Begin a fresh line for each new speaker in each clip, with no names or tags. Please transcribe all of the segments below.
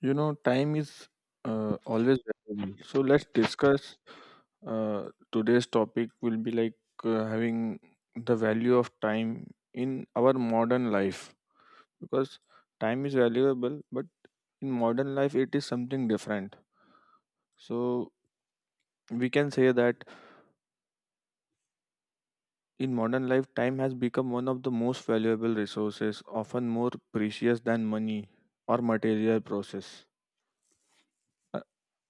You know, time is always valuable. So let's discuss today's topic will be like having the value of time in our modern life because time is valuable, but in modern life it is something different. So we can say that in modern life time has become one of the most valuable resources, often more precious than money or material process. Uh,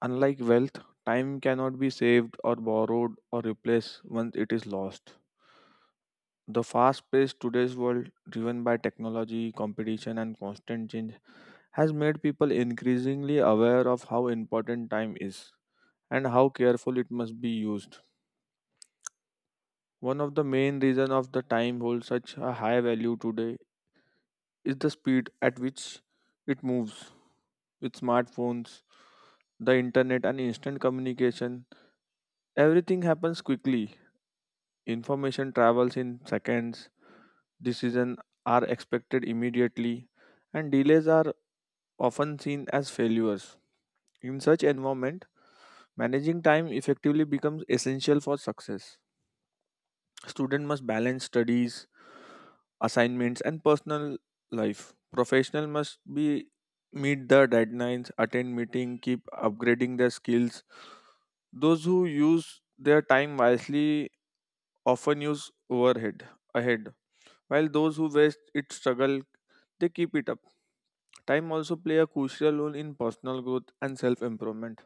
Unlike wealth, time cannot be saved or borrowed or replaced once it is lost. The fast paced today's world, driven by technology, competition, and constant change, has made people increasingly aware of how important time is and how careful it must be used. One of the main reasons of the time holds such a high value today is the speed at which it moves. With smartphones, the internet, and instant communication, everything happens quickly. Information travels in seconds, decisions are expected immediately, and delays are often seen as failures. In such environment, managing time effectively becomes essential for success. Student must balance studies, assignments and personal life. Professional must be meet the deadlines, attend meeting, keep upgrading their skills. Those who use their time wisely often use overhead ahead while those who waste it struggle, they keep it up. Time also play a crucial role in personal growth and self-improvement.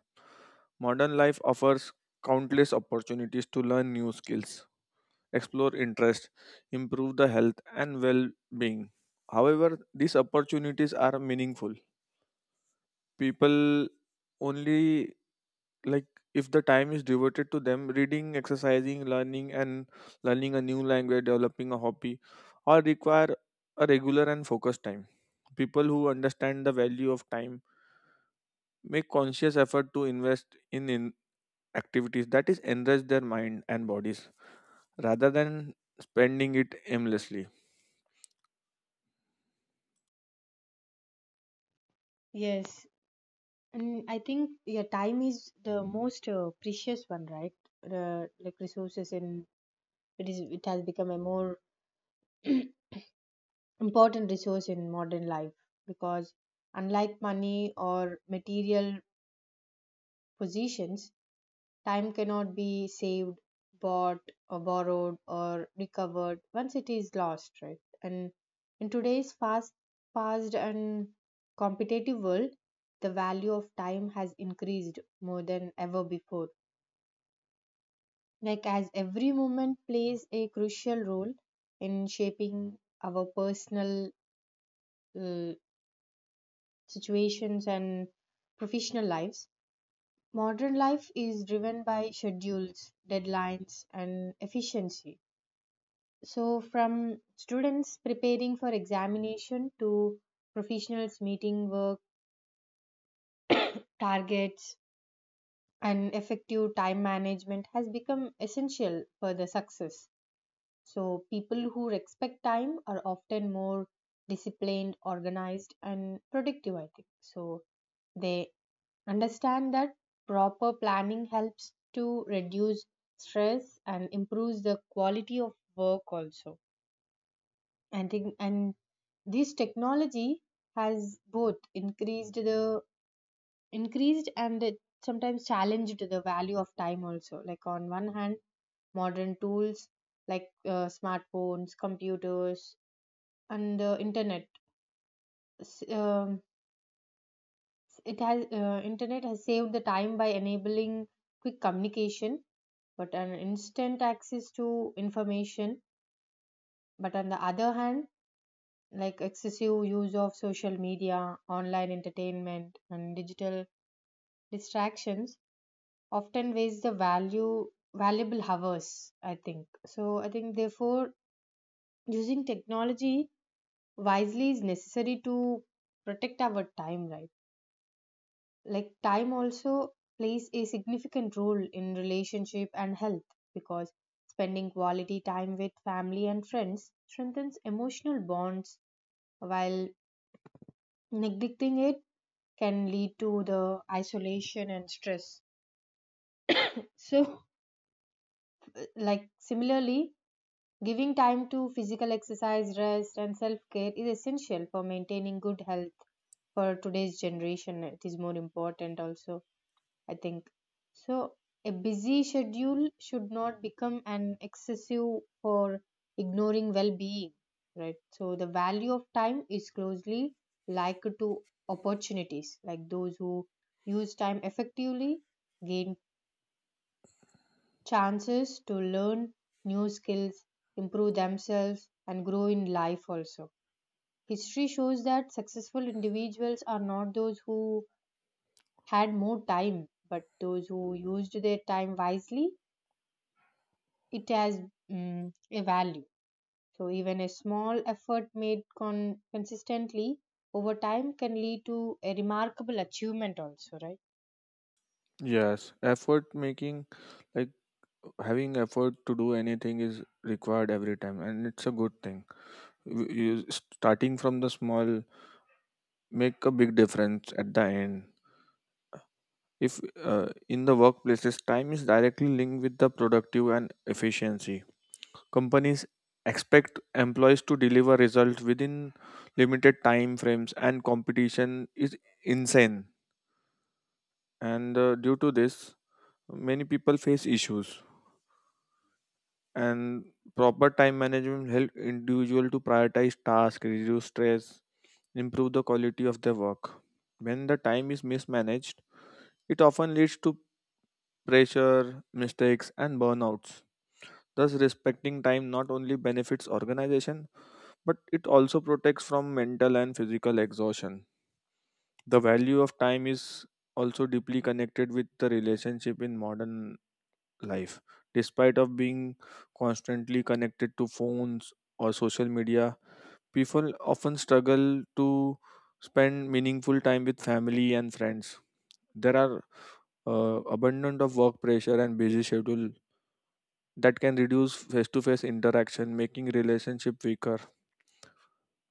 Modern life offers countless opportunities to learn new skills, explore interests, improve the health and well-being. However, these opportunities are meaningful. People only like if the time is devoted to them, reading, exercising, learning, and learning a new language, developing a hobby, all require a regular and focused time. People who understand the value of time make conscious effort to invest in activities that is enrich their mind and bodies rather than spending it aimlessly.
Yes, and I think yeah, time is the most precious one, right? Like resources in it has become a more important resource in modern life, because unlike money or material possessions, time cannot be saved, bought, or borrowed, or recovered once it is lost, right? And in today's fast and competitive world, the value of time has increased more than ever before. Like as every moment plays a crucial role in shaping our personal uh, situations and professional lives. Modern life is driven by schedules, deadlines, and efficiency. So, from students preparing for examination to professionals meeting work targets, and effective time management has become essential for the success. So, people who respect time are often more disciplined, organized, and productive, I think. So, they understand that proper planning helps to reduce stress and improves the quality of work also, I think. And this technology has both increased the increased and it sometimes challenged the value of time also, like on one hand modern tools like smartphones, computers, and internet, s- um, it has internet has saved the time by enabling quick communication but an instant access to information, but on the other hand, like excessive use of social media, online entertainment, and digital distractions often waste the value valuable hours. I think so. I think therefore using technology wisely is necessary to protect our time. Right, like time also plays a significant role in relationship and health, because spending quality time with family and friends strengthens emotional bonds, while neglecting it can lead to the isolation and stress. So, like similarly, giving time to physical exercise, rest, and self care is essential for maintaining good health. For today's generation it is more important also, I think. So a busy schedule should not become an excessive for ignoring well-being, right? So the value of time is closely linked to opportunities, like those who use time effectively gain chances to learn new skills, improve themselves, and grow in life also. History shows that successful individuals are not those who had more time, but those who used their time wisely. It has, mm, a value. So, even a small effort made consistently over time can lead to a remarkable achievement, also, right?
Yes, effort making, like, having effort to do anything is required every time and it's a good thing. You, starting from the small, make a big difference at the end. If in the workplaces, time is directly linked with the productive and efficiency. Companies expect employees to deliver results within limited time frames, and competition is insane. And due to this, many people face issues. And proper time management help individual to prioritize tasks, reduce stress, improve the quality of their work. When the time is mismanaged, it often leads to pressure, mistakes, and burnouts. Thus, respecting time not only benefits organization, but it also protects from mental and physical exhaustion. The value of time is also deeply connected with the relationship in modern life. Despite of being constantly connected to phones or social media, people often struggle to spend meaningful time with family and friends. There are abundant of work pressure and busy schedule that can reduce face-to-face interaction, making relationship weaker.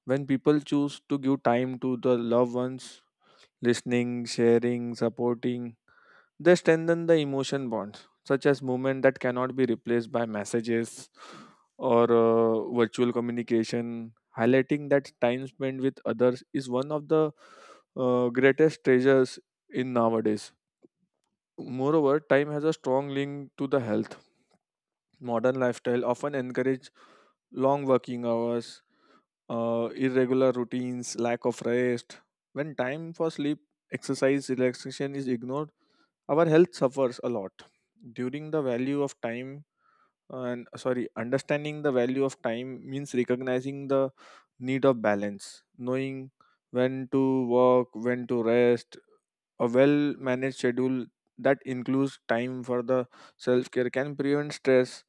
When people choose to give time to the loved ones, listening, sharing, supporting, they strengthen the emotion bonds such as movement that cannot be replaced by messages or virtual communication, highlighting that time spent with others is one of the greatest treasures in nowadays. Moreover, time has a strong link to the health. Modern lifestyle often encourage long working hours, irregular routines, lack of rest. When time for sleep, exercise, relaxation is ignored, our health suffers a lot. During the value of time, and sorry, understanding the value of time means recognizing the need of balance, knowing when to work, when to rest, a well managed schedule that includes time for the self care can prevent stress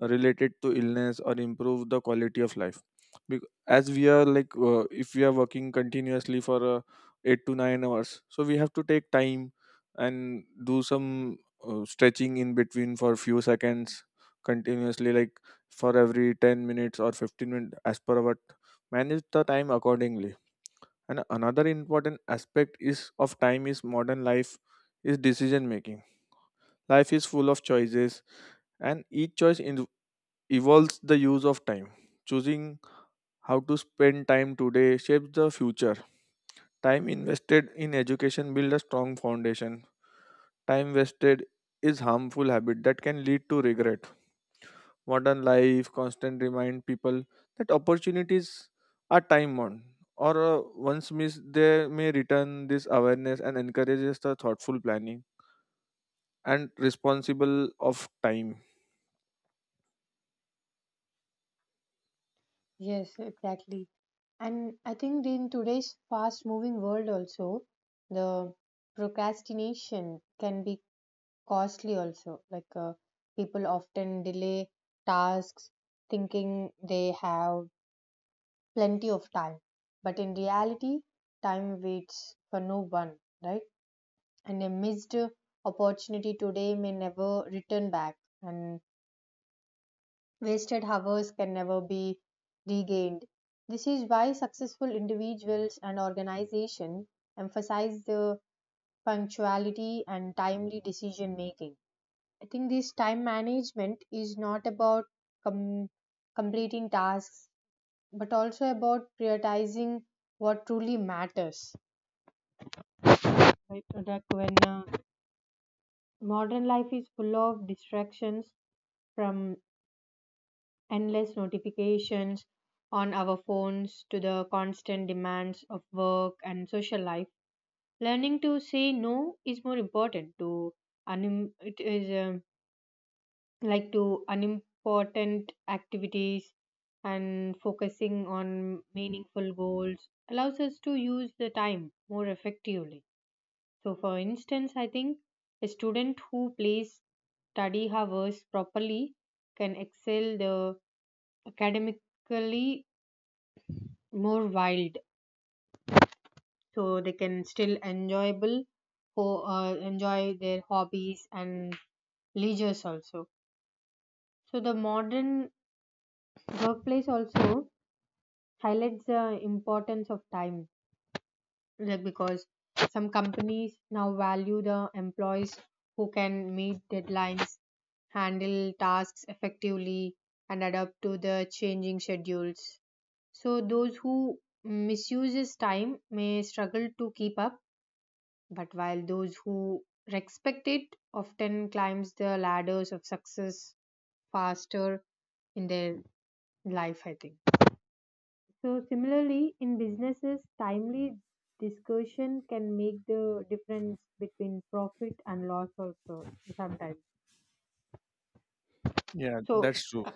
related to illness or improve the quality of life. As we are like, if we are working continuously for 8 to 9 hours, so we have to take time and do some stretching in between for few seconds continuously, like for every 10 minutes or 15 minutes as per what. Manage the time accordingly, and another important aspect is of time is modern life is decision making. Life is full of choices and each choice evolves the use of time. Choosing how to spend time today shapes the future. Time invested in education builds a strong foundation. Time wasted is harmful habit that can lead to regret. Modern life constant remind people that opportunities are time bound or once missed they may return, this awareness and encourages the thoughtful planning and responsible of time.
Yes, exactly. And I think in today's fast moving world also, the procrastination can be costly also. Like people often delay tasks thinking they have plenty of time. But in reality, time waits for no one, right? And a missed opportunity today may never return back. And wasted hours can never be regained. This is why successful individuals and organizations emphasize the punctuality and timely decision making. I think this time management is not about com- completing tasks but also about prioritizing what truly matters. Right? Like when modern life is full of distractions, from endless notifications on our phones to the constant demands of work and social life, learning to say no is more important to it is like to unimportant activities, and focusing on meaningful goals allows us to use the time more effectively. So for instance I think a student who plays study hours properly can excel the academically more wild, so they can still enjoyable, enjoy their hobbies and leisures also. So the modern workplace also highlights the importance of time, like because some companies now value the employees who can meet deadlines, handle tasks effectively, and adapt to the changing schedules. So those who misuses time may struggle to keep up, but while those who respect it often climbs the ladders of success faster in their life, I think. So similarly, in businesses, timely discussion can make the difference between profit and loss also sometimes.
Yeah,
So
that's true.
uh,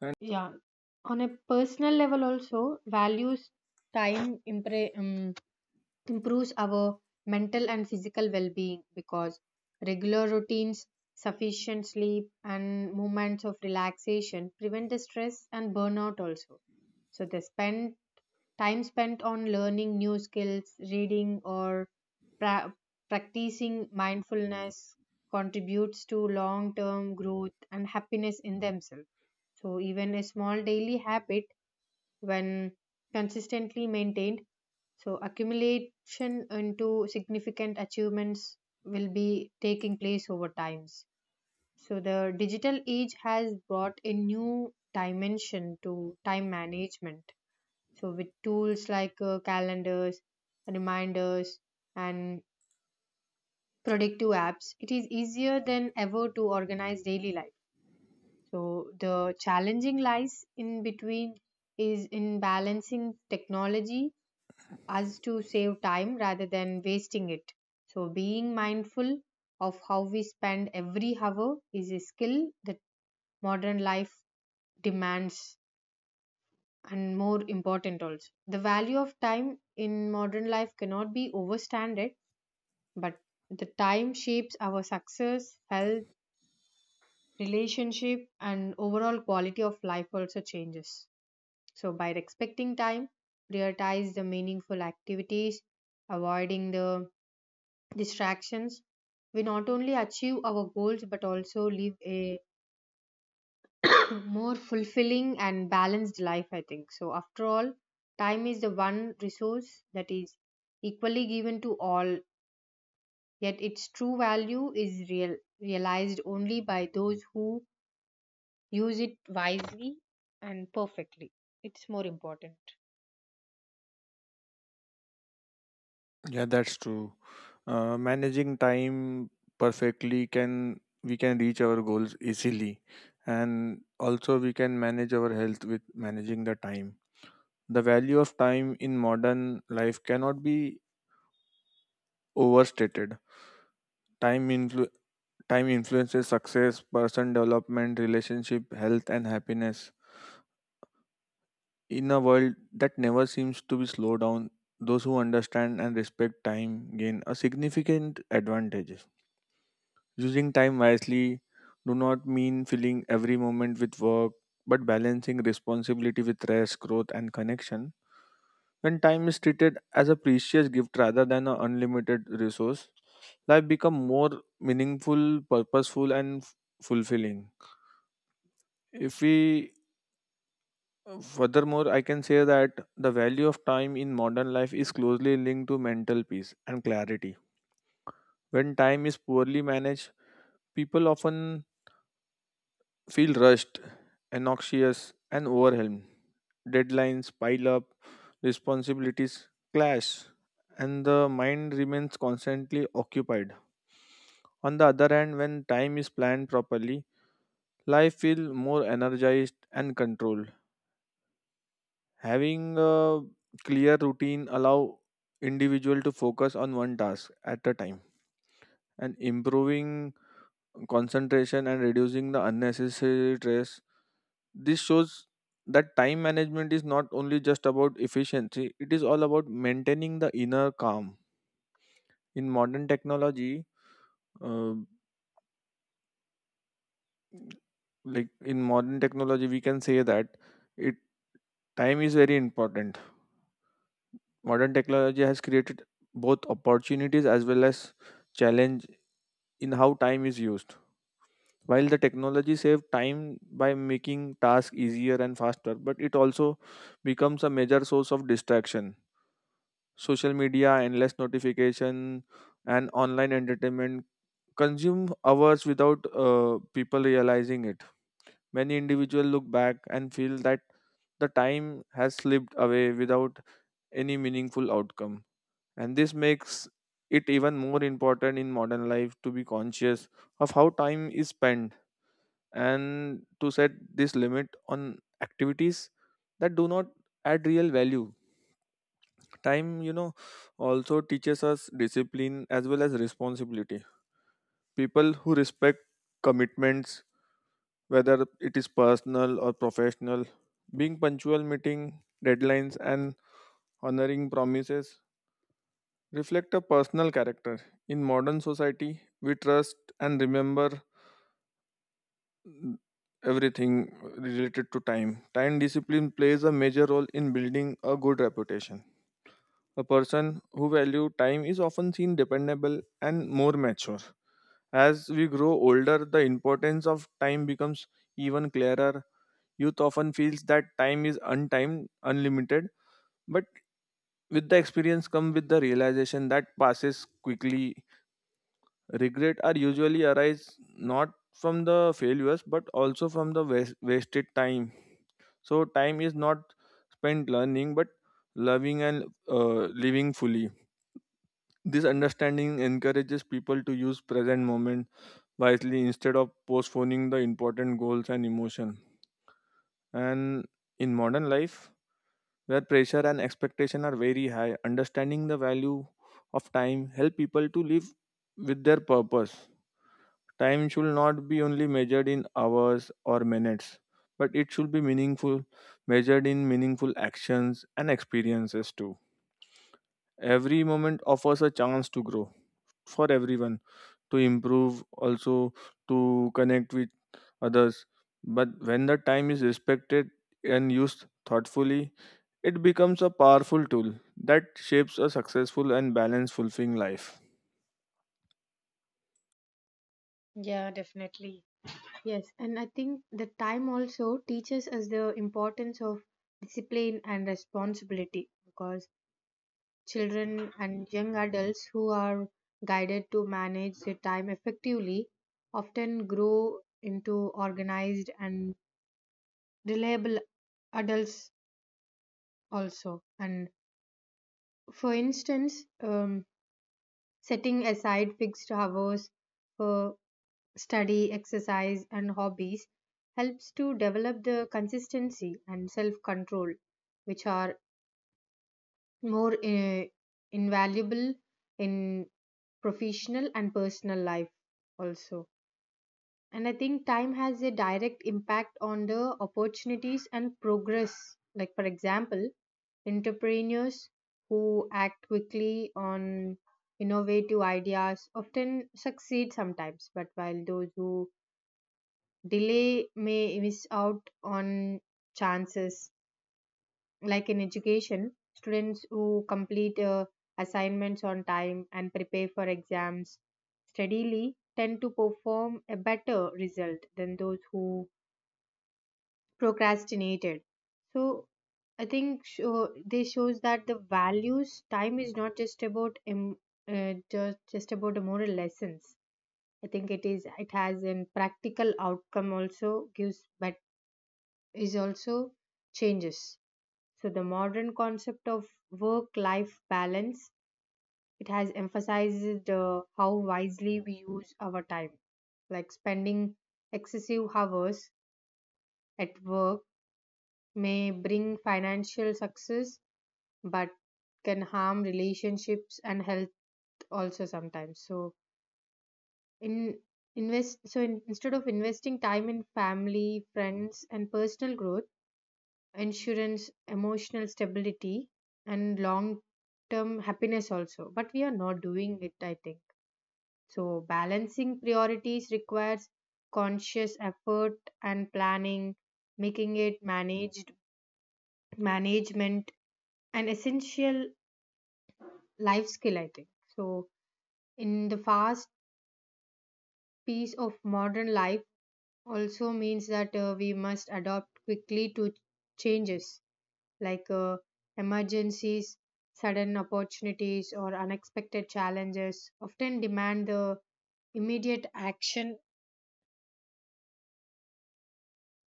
And
yeah, on a personal level also, values time, improves our mental and physical well-being, because regular routines, sufficient sleep, and moments of relaxation prevent the stress and burnout also. So they spend time spent on learning new skills, reading, or pra- practicing mindfulness contributes to long-term growth and happiness in themselves. So even a small daily habit, when consistently maintained, so accumulation into significant achievements will be taking place over times. So the digital age has brought a new dimension to time management. So with tools like calendars, reminders, and productive apps, it is easier than ever to organize daily life. So the challenging lies in between is in balancing technology us to save time rather than wasting it. So, being mindful of how we spend every hour is a skill that modern life demands. And more important also, the value of time in modern life cannot be overstated, but the time shapes our success, health, relationship, and overall quality of life also changes. So by respecting time, prioritize the meaningful activities, avoiding the distractions, we not only achieve our goals but also live a more fulfilling and balanced life, I think. So, after all, time is the one resource that is equally given to all, yet its true value is realized only by those who use it wisely and perfectly. It's more important.
yeah, that's true. Managing time perfectly, can we can reach our goals easily, and also we can manage our health with managing the time. The value of time in modern life cannot be overstated. Time, influ- time influences success, person development, relationship, health, and happiness. In a world that never seems to be slowed down, those who understand and respect time gain a significant advantage. Using time wisely do not mean filling every moment with work, but balancing responsibility with rest, growth, and connection. When time is treated as a precious gift rather than an unlimited resource, life becomes more meaningful, purposeful, and fulfilling. If we Furthermore, I can say that the value of time in modern life is closely linked to mental peace and clarity. When time is poorly managed, people often feel rushed, anxious, and overwhelmed. Deadlines pile up, responsibilities clash, and the mind remains constantly occupied. On the other hand, when time is planned properly, life feels more energized and controlled. Having a clear routine allow individual to focus on one task at a time and improving concentration and reducing the unnecessary stress. This shows that time management is not only just about efficiency, it is all about maintaining the inner calm. In modern technology, uh, like in modern technology, we can say that it time is very important. Modern technology has created both opportunities as well as challenge in how time is used. While the technology saves time by making tasks easier and faster, but it also becomes a major source of distraction. Social media, endless notification, and online entertainment consume hours without people realizing it. Many individuals look back and feel that the time has slipped away without any meaningful outcome. And this makes it even more important in modern life to be conscious of how time is spent and to set this limit on activities that do not add real value. Time, also teaches us discipline as well as responsibility. People who respect commitments, whether it is personal or professional, being punctual, meeting deadlines, and honoring promises reflect a personal character. In modern society we trust and remember everything related to time. Time discipline plays a major role in building a good reputation. A person who value time is often seen dependable and more mature. As we grow older, the importance of time becomes even clearer. Youth often feels that time is untimed, unlimited, but with the experience come with the realization that passes quickly. Regret are usually arise not from the failures but also from the wasted time. So time is not spent learning but loving and living fully. This understanding encourages people to use present moment wisely instead of postponing the important goals and emotion. And in modern life, where pressure and expectation are very high, understanding the value of time help people to live with their purpose. Time should not be only measured in hours or minutes, but it should be meaningful, measured in meaningful actions and experiences too. Every moment offers a chance to grow for everyone, to improve, also to connect with others. But when the time is respected and used thoughtfully, it becomes a powerful tool that shapes a successful and balanced, fulfilling life.
Yeah, definitely. Yes, and I think the time also teaches us the importance of discipline and responsibility, because children and young adults who are guided to manage their time effectively often grow into organized and reliable adults also. And for instance, setting aside fixed hours for study, exercise, and hobbies helps to develop the consistency and self control, which are more invaluable in professional and personal life, also. And I think time has a direct impact on the opportunities and progress. Like, for example, entrepreneurs who act quickly on innovative ideas often succeed sometimes, but while those who delay may miss out on chances, like in education students who complete assignments on time and prepare for exams steadily tend to perform a better result than those who procrastinated. So I think this shows that the values time is not just about just about the moral lessons. I think it is it has an practical outcome also gives better is also changes. So the modern concept of work-life balance, it has emphasized how wisely we use our time. Like spending excessive hours at work may bring financial success, but can harm relationships and health also sometimes. So in invest so in, instead of investing time in family, friends, and personal growth, insurance emotional stability and long term happiness also, but we are not doing it, I think. So balancing priorities requires conscious effort and planning, making it managed management an essential life skill, I think. So in the fast pace of modern life also means that we must adopt quickly to changes, like emergencies, sudden opportunities, or unexpected challenges often demand the immediate action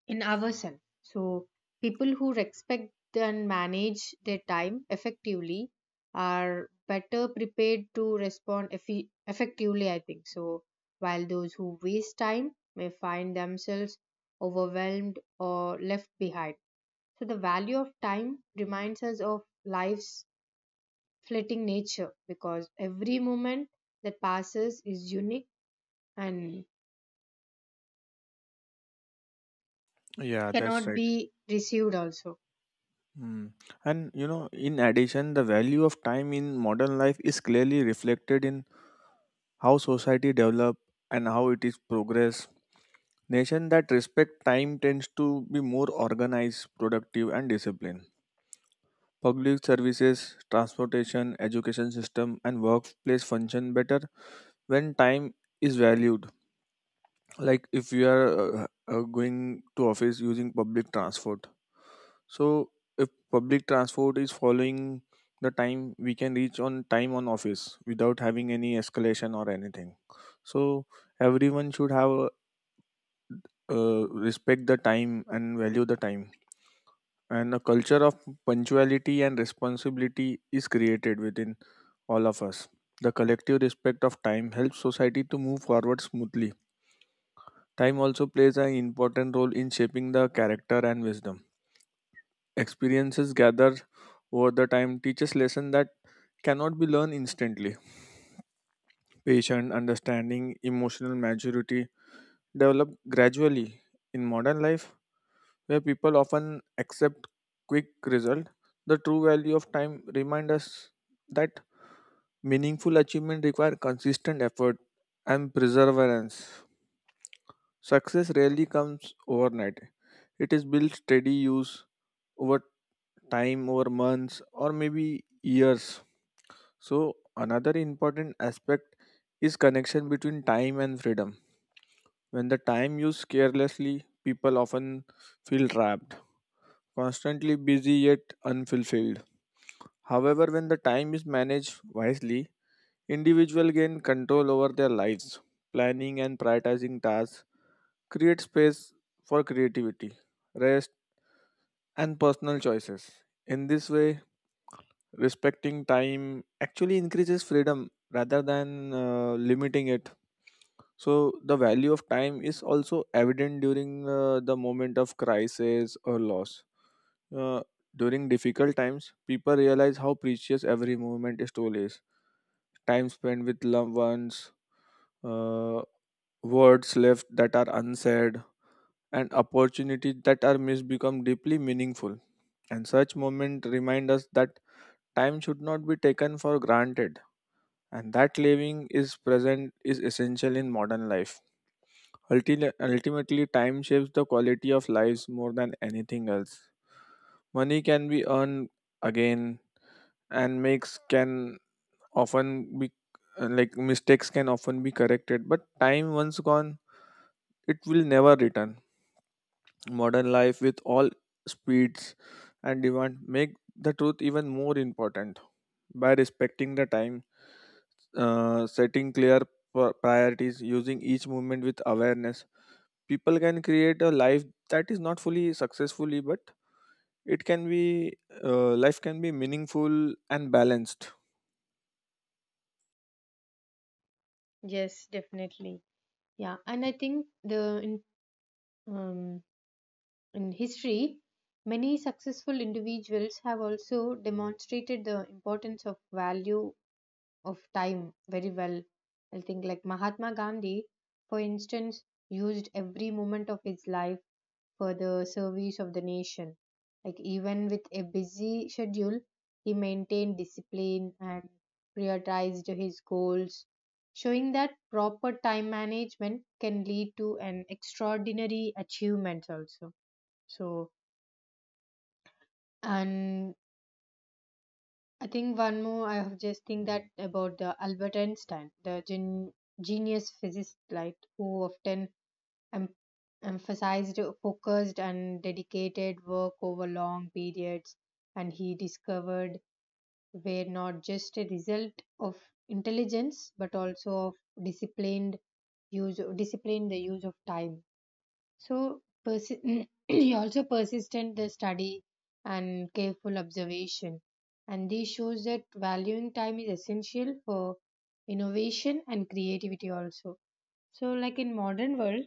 in ourselves. So, people who respect and manage their time effectively are better prepared to respond effectively, I think. So, while those who waste time may find themselves overwhelmed or left behind. So, the value of time reminds us of life's fleeting nature, because every moment that passes is unique and
Yeah, that's
cannot
right.
be received also.
Hmm. And you know, in addition, the value of time in modern life is clearly reflected in how society develop and how it is progress. Nation that respect time tends to be more organized, productive, and disciplined. Public services, transportation, education system, and workplace function better when time is valued. Like if you are going to office using public transport, so if public transport is following the time we can reach on time on office without having any escalation or anything. So everyone should have a respect the time and value the time, and a culture of punctuality and responsibility is created within all of us. The collective respect of time helps society to move forward smoothly. Time also plays an important role in shaping the character and wisdom. Experiences gathered over the time teaches lessons that cannot be learned instantly. Patient understanding, emotional maturity develop gradually in modern life where people often accept quick result. The true value of time remind us that meaningful achievement require consistent effort and perseverance. Success rarely comes overnight. It is built steady use over time, over months, or maybe years. So, another important aspect is connection between time and freedom. When the time used carelessly, people often feel trapped, constantly busy yet unfulfilled. However, when the time is managed wisely, individuals gain control over their lives. Planning and prioritizing tasks create space for creativity, rest, and personal choices. In this way, respecting time actually increases freedom rather than limiting it. So, the value of time is also evident during the moment of crisis or loss. Uh, During difficult times, people realize how precious every moment still is. Time spent with loved ones, uh, words left that are unsaid, and opportunities that are missed become deeply meaningful. And such moments remind us that time should not be taken for granted, and that living is present is essential in modern life. Ultimately, time shapes the quality of lives more than anything else. Money can be earned again, and makes can often be like mistakes can often be corrected, but time once gone, it will never return. Modern life with all speeds and demand make the truth even more important by respecting the time, setting clear priorities, using each movement with awareness, people can create a life that is not fully successfully, but it can be life can be meaningful and balanced.
Yes, definitely. Yeah, and I think the in, um, in history many successful individuals have also demonstrated the importance of value of time very well, I think, like Mahatma Gandhi for instance used every moment of his life for the service of the nation. Like even with a busy schedule, he maintained discipline and prioritized his goals, showing that proper time management can lead to an extraordinary achievement also. So, and I think one more I have just think that about the Albert Einstein, the genius physicist, like who often em- emphasized focused and dedicated work over long periods, and he discovered were not just a result of intelligence but also of disciplined disciplined the use of time. So he also persistent the study and careful observation, and this shows that valuing time is essential for innovation and creativity also. So, like in modern world,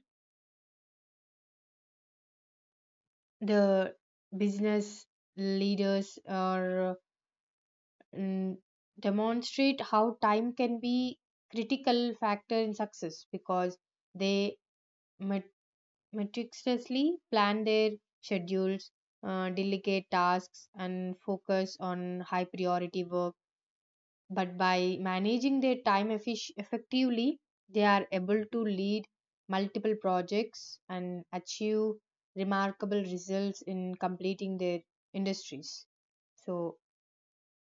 the business leaders are, mm, demonstrate how time can be critical factor in success, because they met- meticulously plan their schedules, delegate tasks, and focus on high priority work, but by managing their time effectively, they are able to lead multiple projects and achieve remarkable results in completing their industries. So,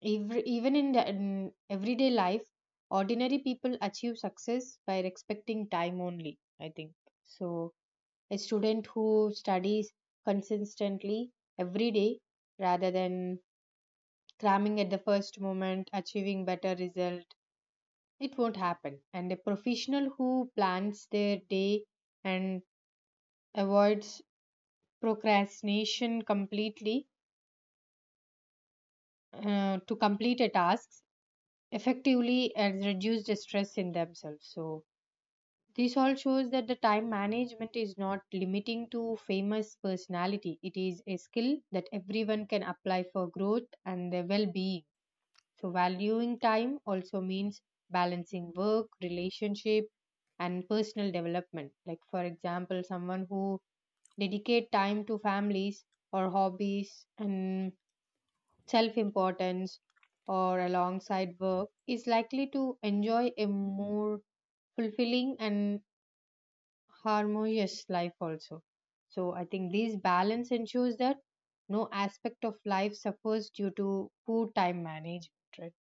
every, even in, the, in everyday life, ordinary people achieve success by respecting time only, I think. So, a student who studies consistently every day rather than cramming at the first moment, achieving better result it won't happen. And a professional who plans their day and avoids procrastination completely, to complete a task effectively and reduce the stress in themselves. So, this all shows that the time management is not limiting to famous personality. It is a skill that everyone can apply for growth and their well being. So, valuing time also means balancing work, relationship, and personal development. Like, for example, someone who dedicate time to families or hobbies and self importance or alongside work is likely to enjoy a more fulfilling and harmonious life also. So, I think this balance ensures that no aspect of life suffers due to poor time management. Right?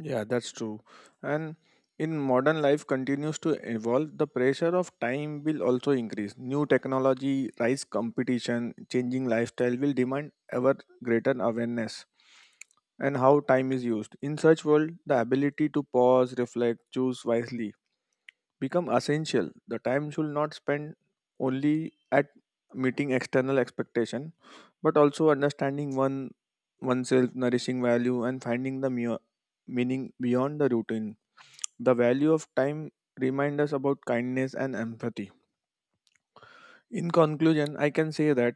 Yeah, that's true. And in modern life continues to evolve, the pressure of time will also increase. New technology, rise competition, changing lifestyle will demand ever greater awareness and how time is used. In such world, the ability to pause, reflect, choose wisely become essential. The time should not spend only at meeting external expectation, but also understanding one oneself, nourishing value, and finding the meaning beyond the routine. The value of time reminds us about kindness and empathy. In conclusion, I can say that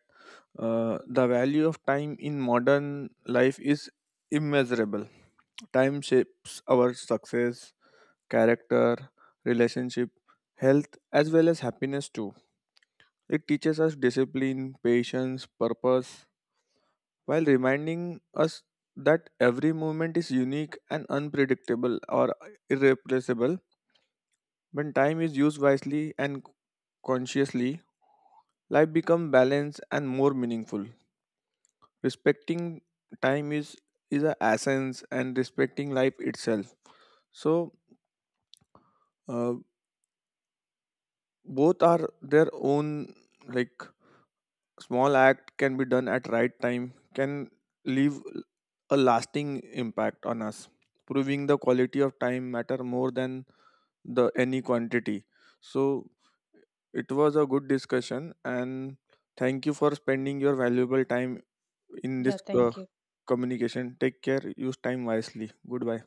the value of time in modern life is immeasurable. Time shapes our success, character, relationship, health, as well as happiness too. It teaches us discipline, patience, purpose, while reminding us that every moment is unique and unpredictable or irreplaceable. When time is used wisely and consciously, life becomes balanced and more meaningful. Respecting time is a essence and respecting life itself. So uh, both are their own, like, small act can be done at right time can leave a lasting impact on us, proving the quality of time matter more than the any quantity. So it was a good discussion and thank you for spending your valuable time in
Yeah,
this
thank you.
communication. Take care, use time wisely, goodbye.